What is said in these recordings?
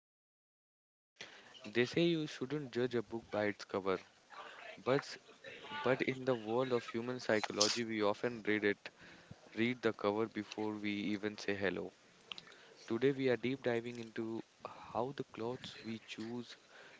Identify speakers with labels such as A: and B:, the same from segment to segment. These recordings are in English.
A: host Kisle. They say you shouldn't judge a book by its cover, but s- but in the world of human psychology, we often read it, read the cover before we even say hello. Today we are deep diving into how the clothes we choose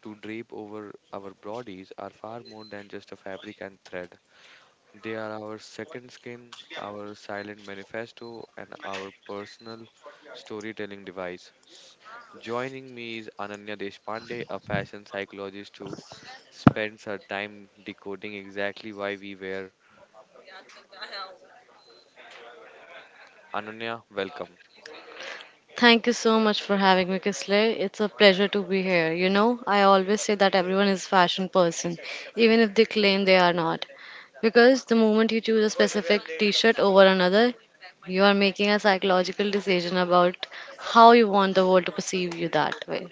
A: to drape over our bodies are far more than just a fabric and thread. They are our second skin, our silent manifesto, and our personal storytelling device. Joining me is Ananya Deshpande, a fashion psychologist who spends her time decoding exactly why we wear. Ananya, welcome.
B: Thank you so much for having me, Kisle. It's a pleasure to be here. You know, I always say that everyone is a fashion person, even if they claim they are not. Because the moment you choose a specific t shirt over another, you are making a psychological decision about how you want the world to perceive you that way.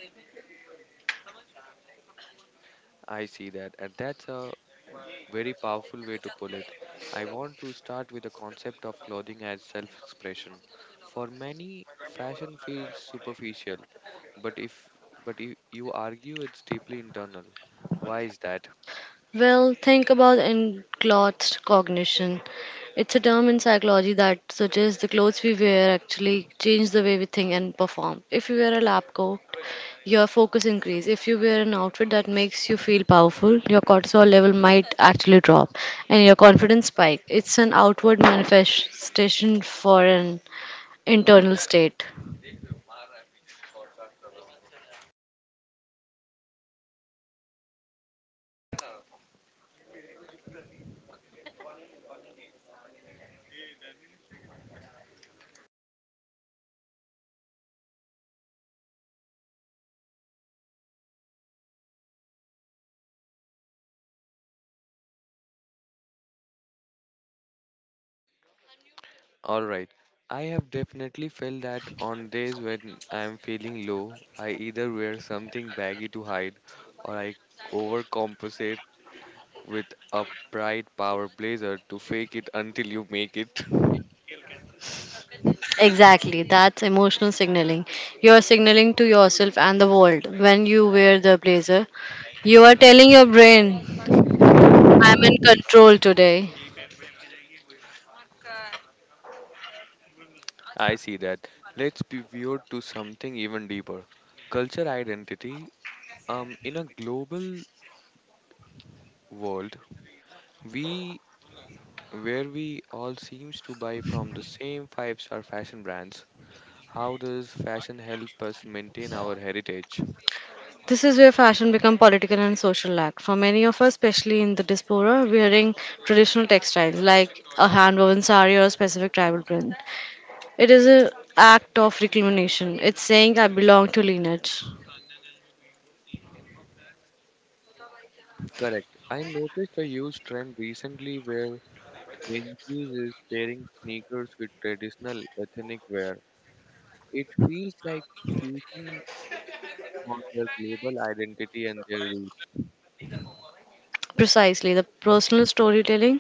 A: I see that, and that's a very powerful way to pull it. I want to start with the concept of clothing as self expression. For many, fashion feels superficial. But if but if you argue it's deeply internal. Why is that?
B: Well, think about enclothed cognition. It's a term in psychology that suggests the clothes we wear actually change the way we think and perform. If you wear a lab coat, your focus increase. If you wear an outfit that makes you feel powerful, your cortisol level might actually drop and your confidence spike. It's an outward manifestation for an internal state.
A: All right. I have definitely felt that on days when I am feeling low, I either wear something baggy to hide, or I overcompensate with a bright power blazer to fake it until you make it.
B: Exactly, that's emotional signaling. You are signaling to yourself and the world when you wear the blazer. You are telling your brain, I'm in control today.
A: I see that. Let's pivot to something even deeper. Culture identity. In a global world, we where we all seems to buy from the same five-star fashion brands. How does fashion help us maintain our heritage?
B: This is where fashion becomes political and social act. For many of us, especially in the diaspora, wearing traditional textiles like a hand-woven sari or a specific tribal print, it is an act of reclamation. It's saying I belong to lineage.
A: Correct. I noticed a huge trend recently where Gen Z is pairing sneakers with traditional ethnic wear. It feels like fusion for their global identity and their roots.
B: Precisely, the personal storytelling.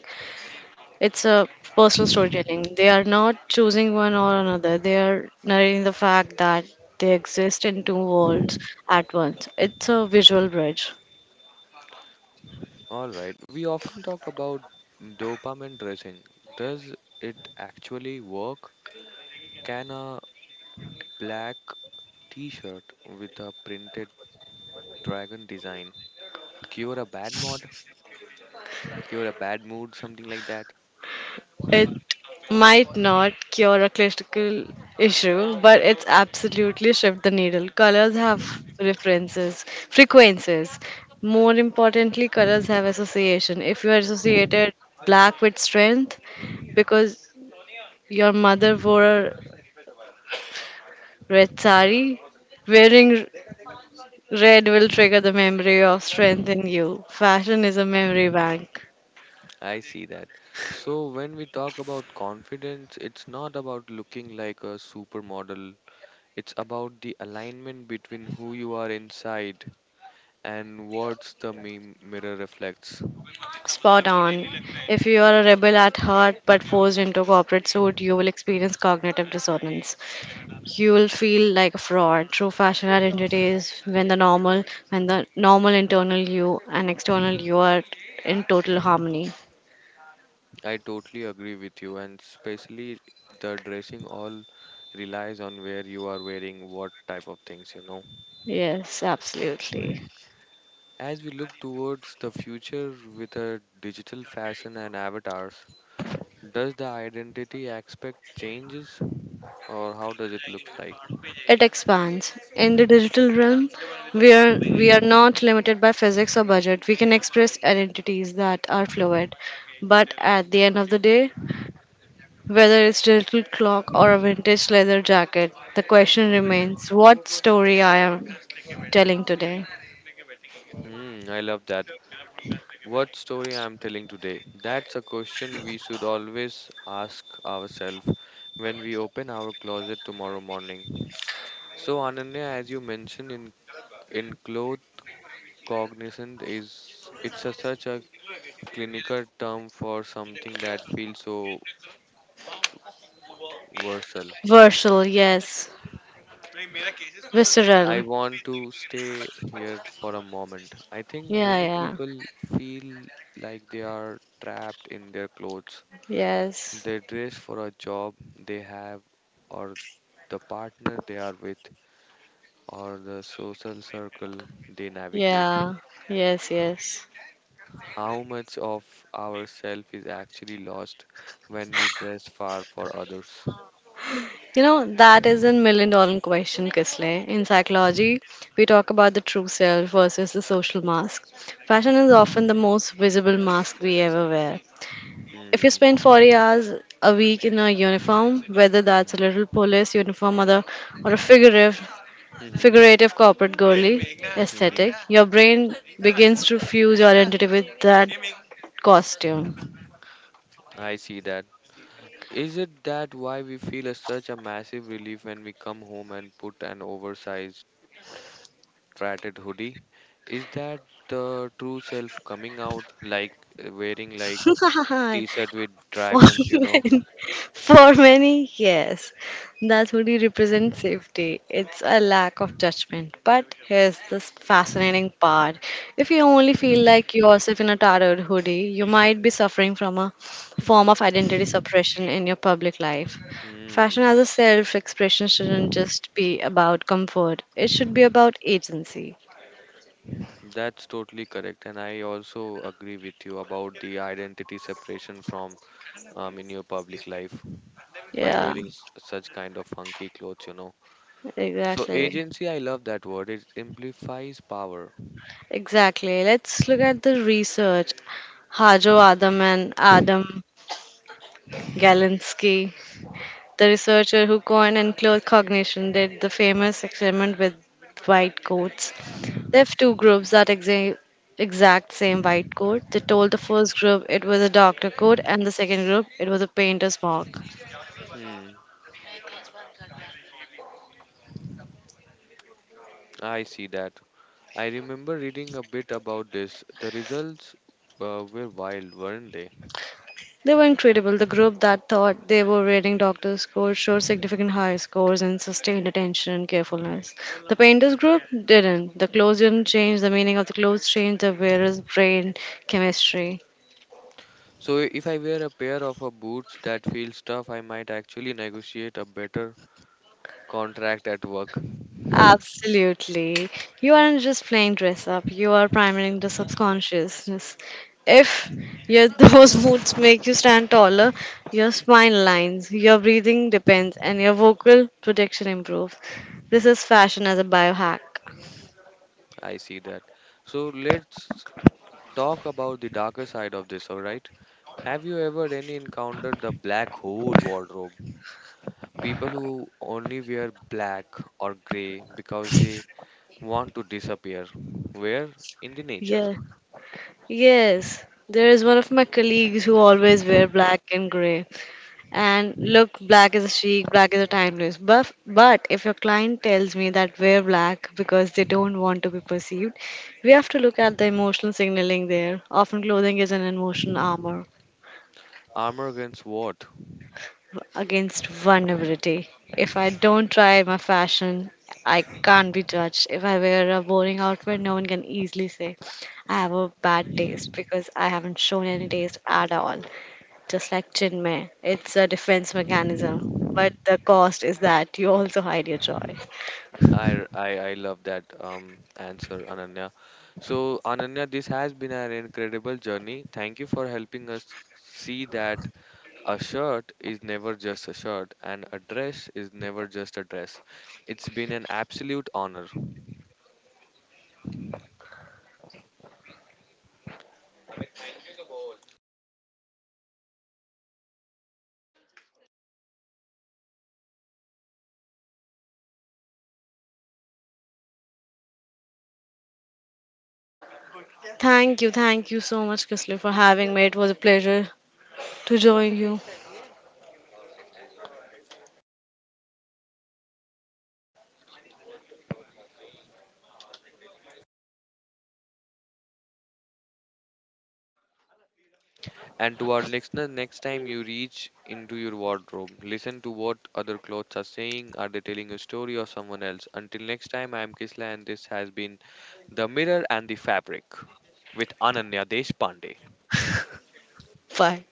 B: It's a personal storytelling. They are not choosing one or another. They are narrating the fact that they exist in two worlds at once. It's a visual bridge.
A: All right. We often talk about dopamine dressing. Does it actually work? Can a black t-shirt with a printed Dragon design. Cure a bad mod, cure a bad mood, something like that.
B: It might not cure a critical issue, but it's absolutely shift the needle. Colors have references, frequencies. More importantly, colors have association. If you are associated black with strength because your mother wore a red sari, wearing red will trigger the memory of strength in you. Fashion is a memory bank.
A: I see that. So, when we talk about confidence, it's not about looking like a supermodel, it's about the alignment between who you are inside and mirror reflects.
B: Spot on. If you are a rebel at heart but forced into a corporate suit, you will experience cognitive dissonance. You will feel like a fraud. True fashion identity is when when the normal internal you and external you are in total harmony.
A: I totally agree with you, and especially the dressing all relies on where you are wearing what type of things, you know,
B: Yes, absolutely.
A: as we look towards the future with a digital fashion and avatars. Does the identity aspect changes or how does it look like?
B: It expands. In the digital realm, we are not limited by physics or budget. We can express identities that are fluid. But at the end of the day, whether it's digital clock or a vintage leather jacket, the question remains what story I am telling today.
A: Hmm, I love that. What story I'm telling today? That's a question we should always ask ourselves when we open our closet tomorrow morning. So Ananya, as you mentioned in cloth cognizant is it's a, such a clinical term for something that feels so versatile.
B: Versal, yes.
A: I
B: Visceral.
A: want to stay here for a moment. I think
B: Yeah,
A: many
B: yeah.
A: people feel like they are trapped in their clothes.
B: Yes.
A: They dress for a job they have, or the partner they are with, or the social circle they navigate.
B: Yeah. Yes.
A: How much of ourself is actually lost when we dress far for others?
B: You know, that is a $1,000,000 question, Kisley. In psychology, we talk about the true self versus the social mask. Fashion is often the most visible mask we ever wear. If you spend
A: Hmm.
B: 40 hours a week in a uniform, whether that's a
A: Hmm.
B: little police uniform or a figurative—
A: Hmm.
B: figurative corporate girly
A: Hmm.
B: aesthetic. Your brain begins to fuse your identity with that costume.
A: I see that. Is it that why we feel a, such a massive relief when we come home and put an oversized, tattered hoodie? Is that the true self coming out, like wearing like
B: For
A: t-shirt with dragons, you know?
B: men, for many, yes, that hoodie represents safety. It's a lack of judgment. But here's this fascinating part. If you only feel like yourself in a tattered hoodie, you might be suffering from a form of identity suppression in your public life. Fashion
A: Hmm,
B: as a self expression shouldn't just be about comfort, it should be about agency.
A: that's totally correct, and I also agree with you about the identity separation from in your public life by
B: Yeah,
A: such kind of funky clothes, you know. So
B: exactly.
A: agency, I love that word. It amplifies power.
B: Exactly. Let's look at the research. Hajo Adam and Adam Galinsky, the researcher who coined and clothed cognition, did the famous experiment with white coats. They have two groups that
A: Hmm.
B: exact same white coat, they told the first group it was a doctor coat and the second group it was a painter's smock.
A: Hmm. I see that. I remember reading a bit about this. The results, were wild, weren't they?
B: They were incredible. The group that thought they were reading doctors' scores showed significant high scores in sustained attention and carefulness. The painters' group didn't. The clothes didn't change. The meaning of the clothes changed the wearer's brain chemistry.
A: So if I wear a pair of a boots that feel tough, I might actually negotiate a better contract at work.
B: Absolutely. You aren't just playing dress up, you are priming the subconsciousness. If your those moods make you stand taller, your spine lines, your breathing depends, and your vocal protection improves. This is fashion as a biohack.
A: I see that. So let's talk about the darker side of this, all right? Have you ever any encountered the black hole wardrobe? People who only wear black or gray because they want to disappear. Where? In the nature.
B: Yeah. Yes. There is one of my colleagues who always wear black and gray. And look, black is a chic, black is a timeless. But if your client tells me that wear black because they don't want to be perceived, we have to look at the emotional signaling there. Often clothing is an emotional armor.
A: Armor against what?
B: Against vulnerability. If I don't try my fashion, I can't be judged. If I wear a boring outfit, no one can easily say I have a bad taste because I haven't shown any taste at all. Just like chinmay, it's a defense mechanism. But the cost is that you also hide your joy.
A: I love that, answer, Ananya. So, Ananya, this has been an incredible journey. Thank you for helping us see that a shirt is never just a shirt and a dress is never just a dress. It's been an absolute honor.
B: Thank you so much, Kisle, for having me. It was a pleasure to join you.
A: And to our listeners, next time you reach into your wardrobe, listen to what other clothes are saying. Are they telling a story or someone else? Until next time, I'm Kisla, and this has been The Mirror and the Fabric with Ananya Deshpande.
B: Bye.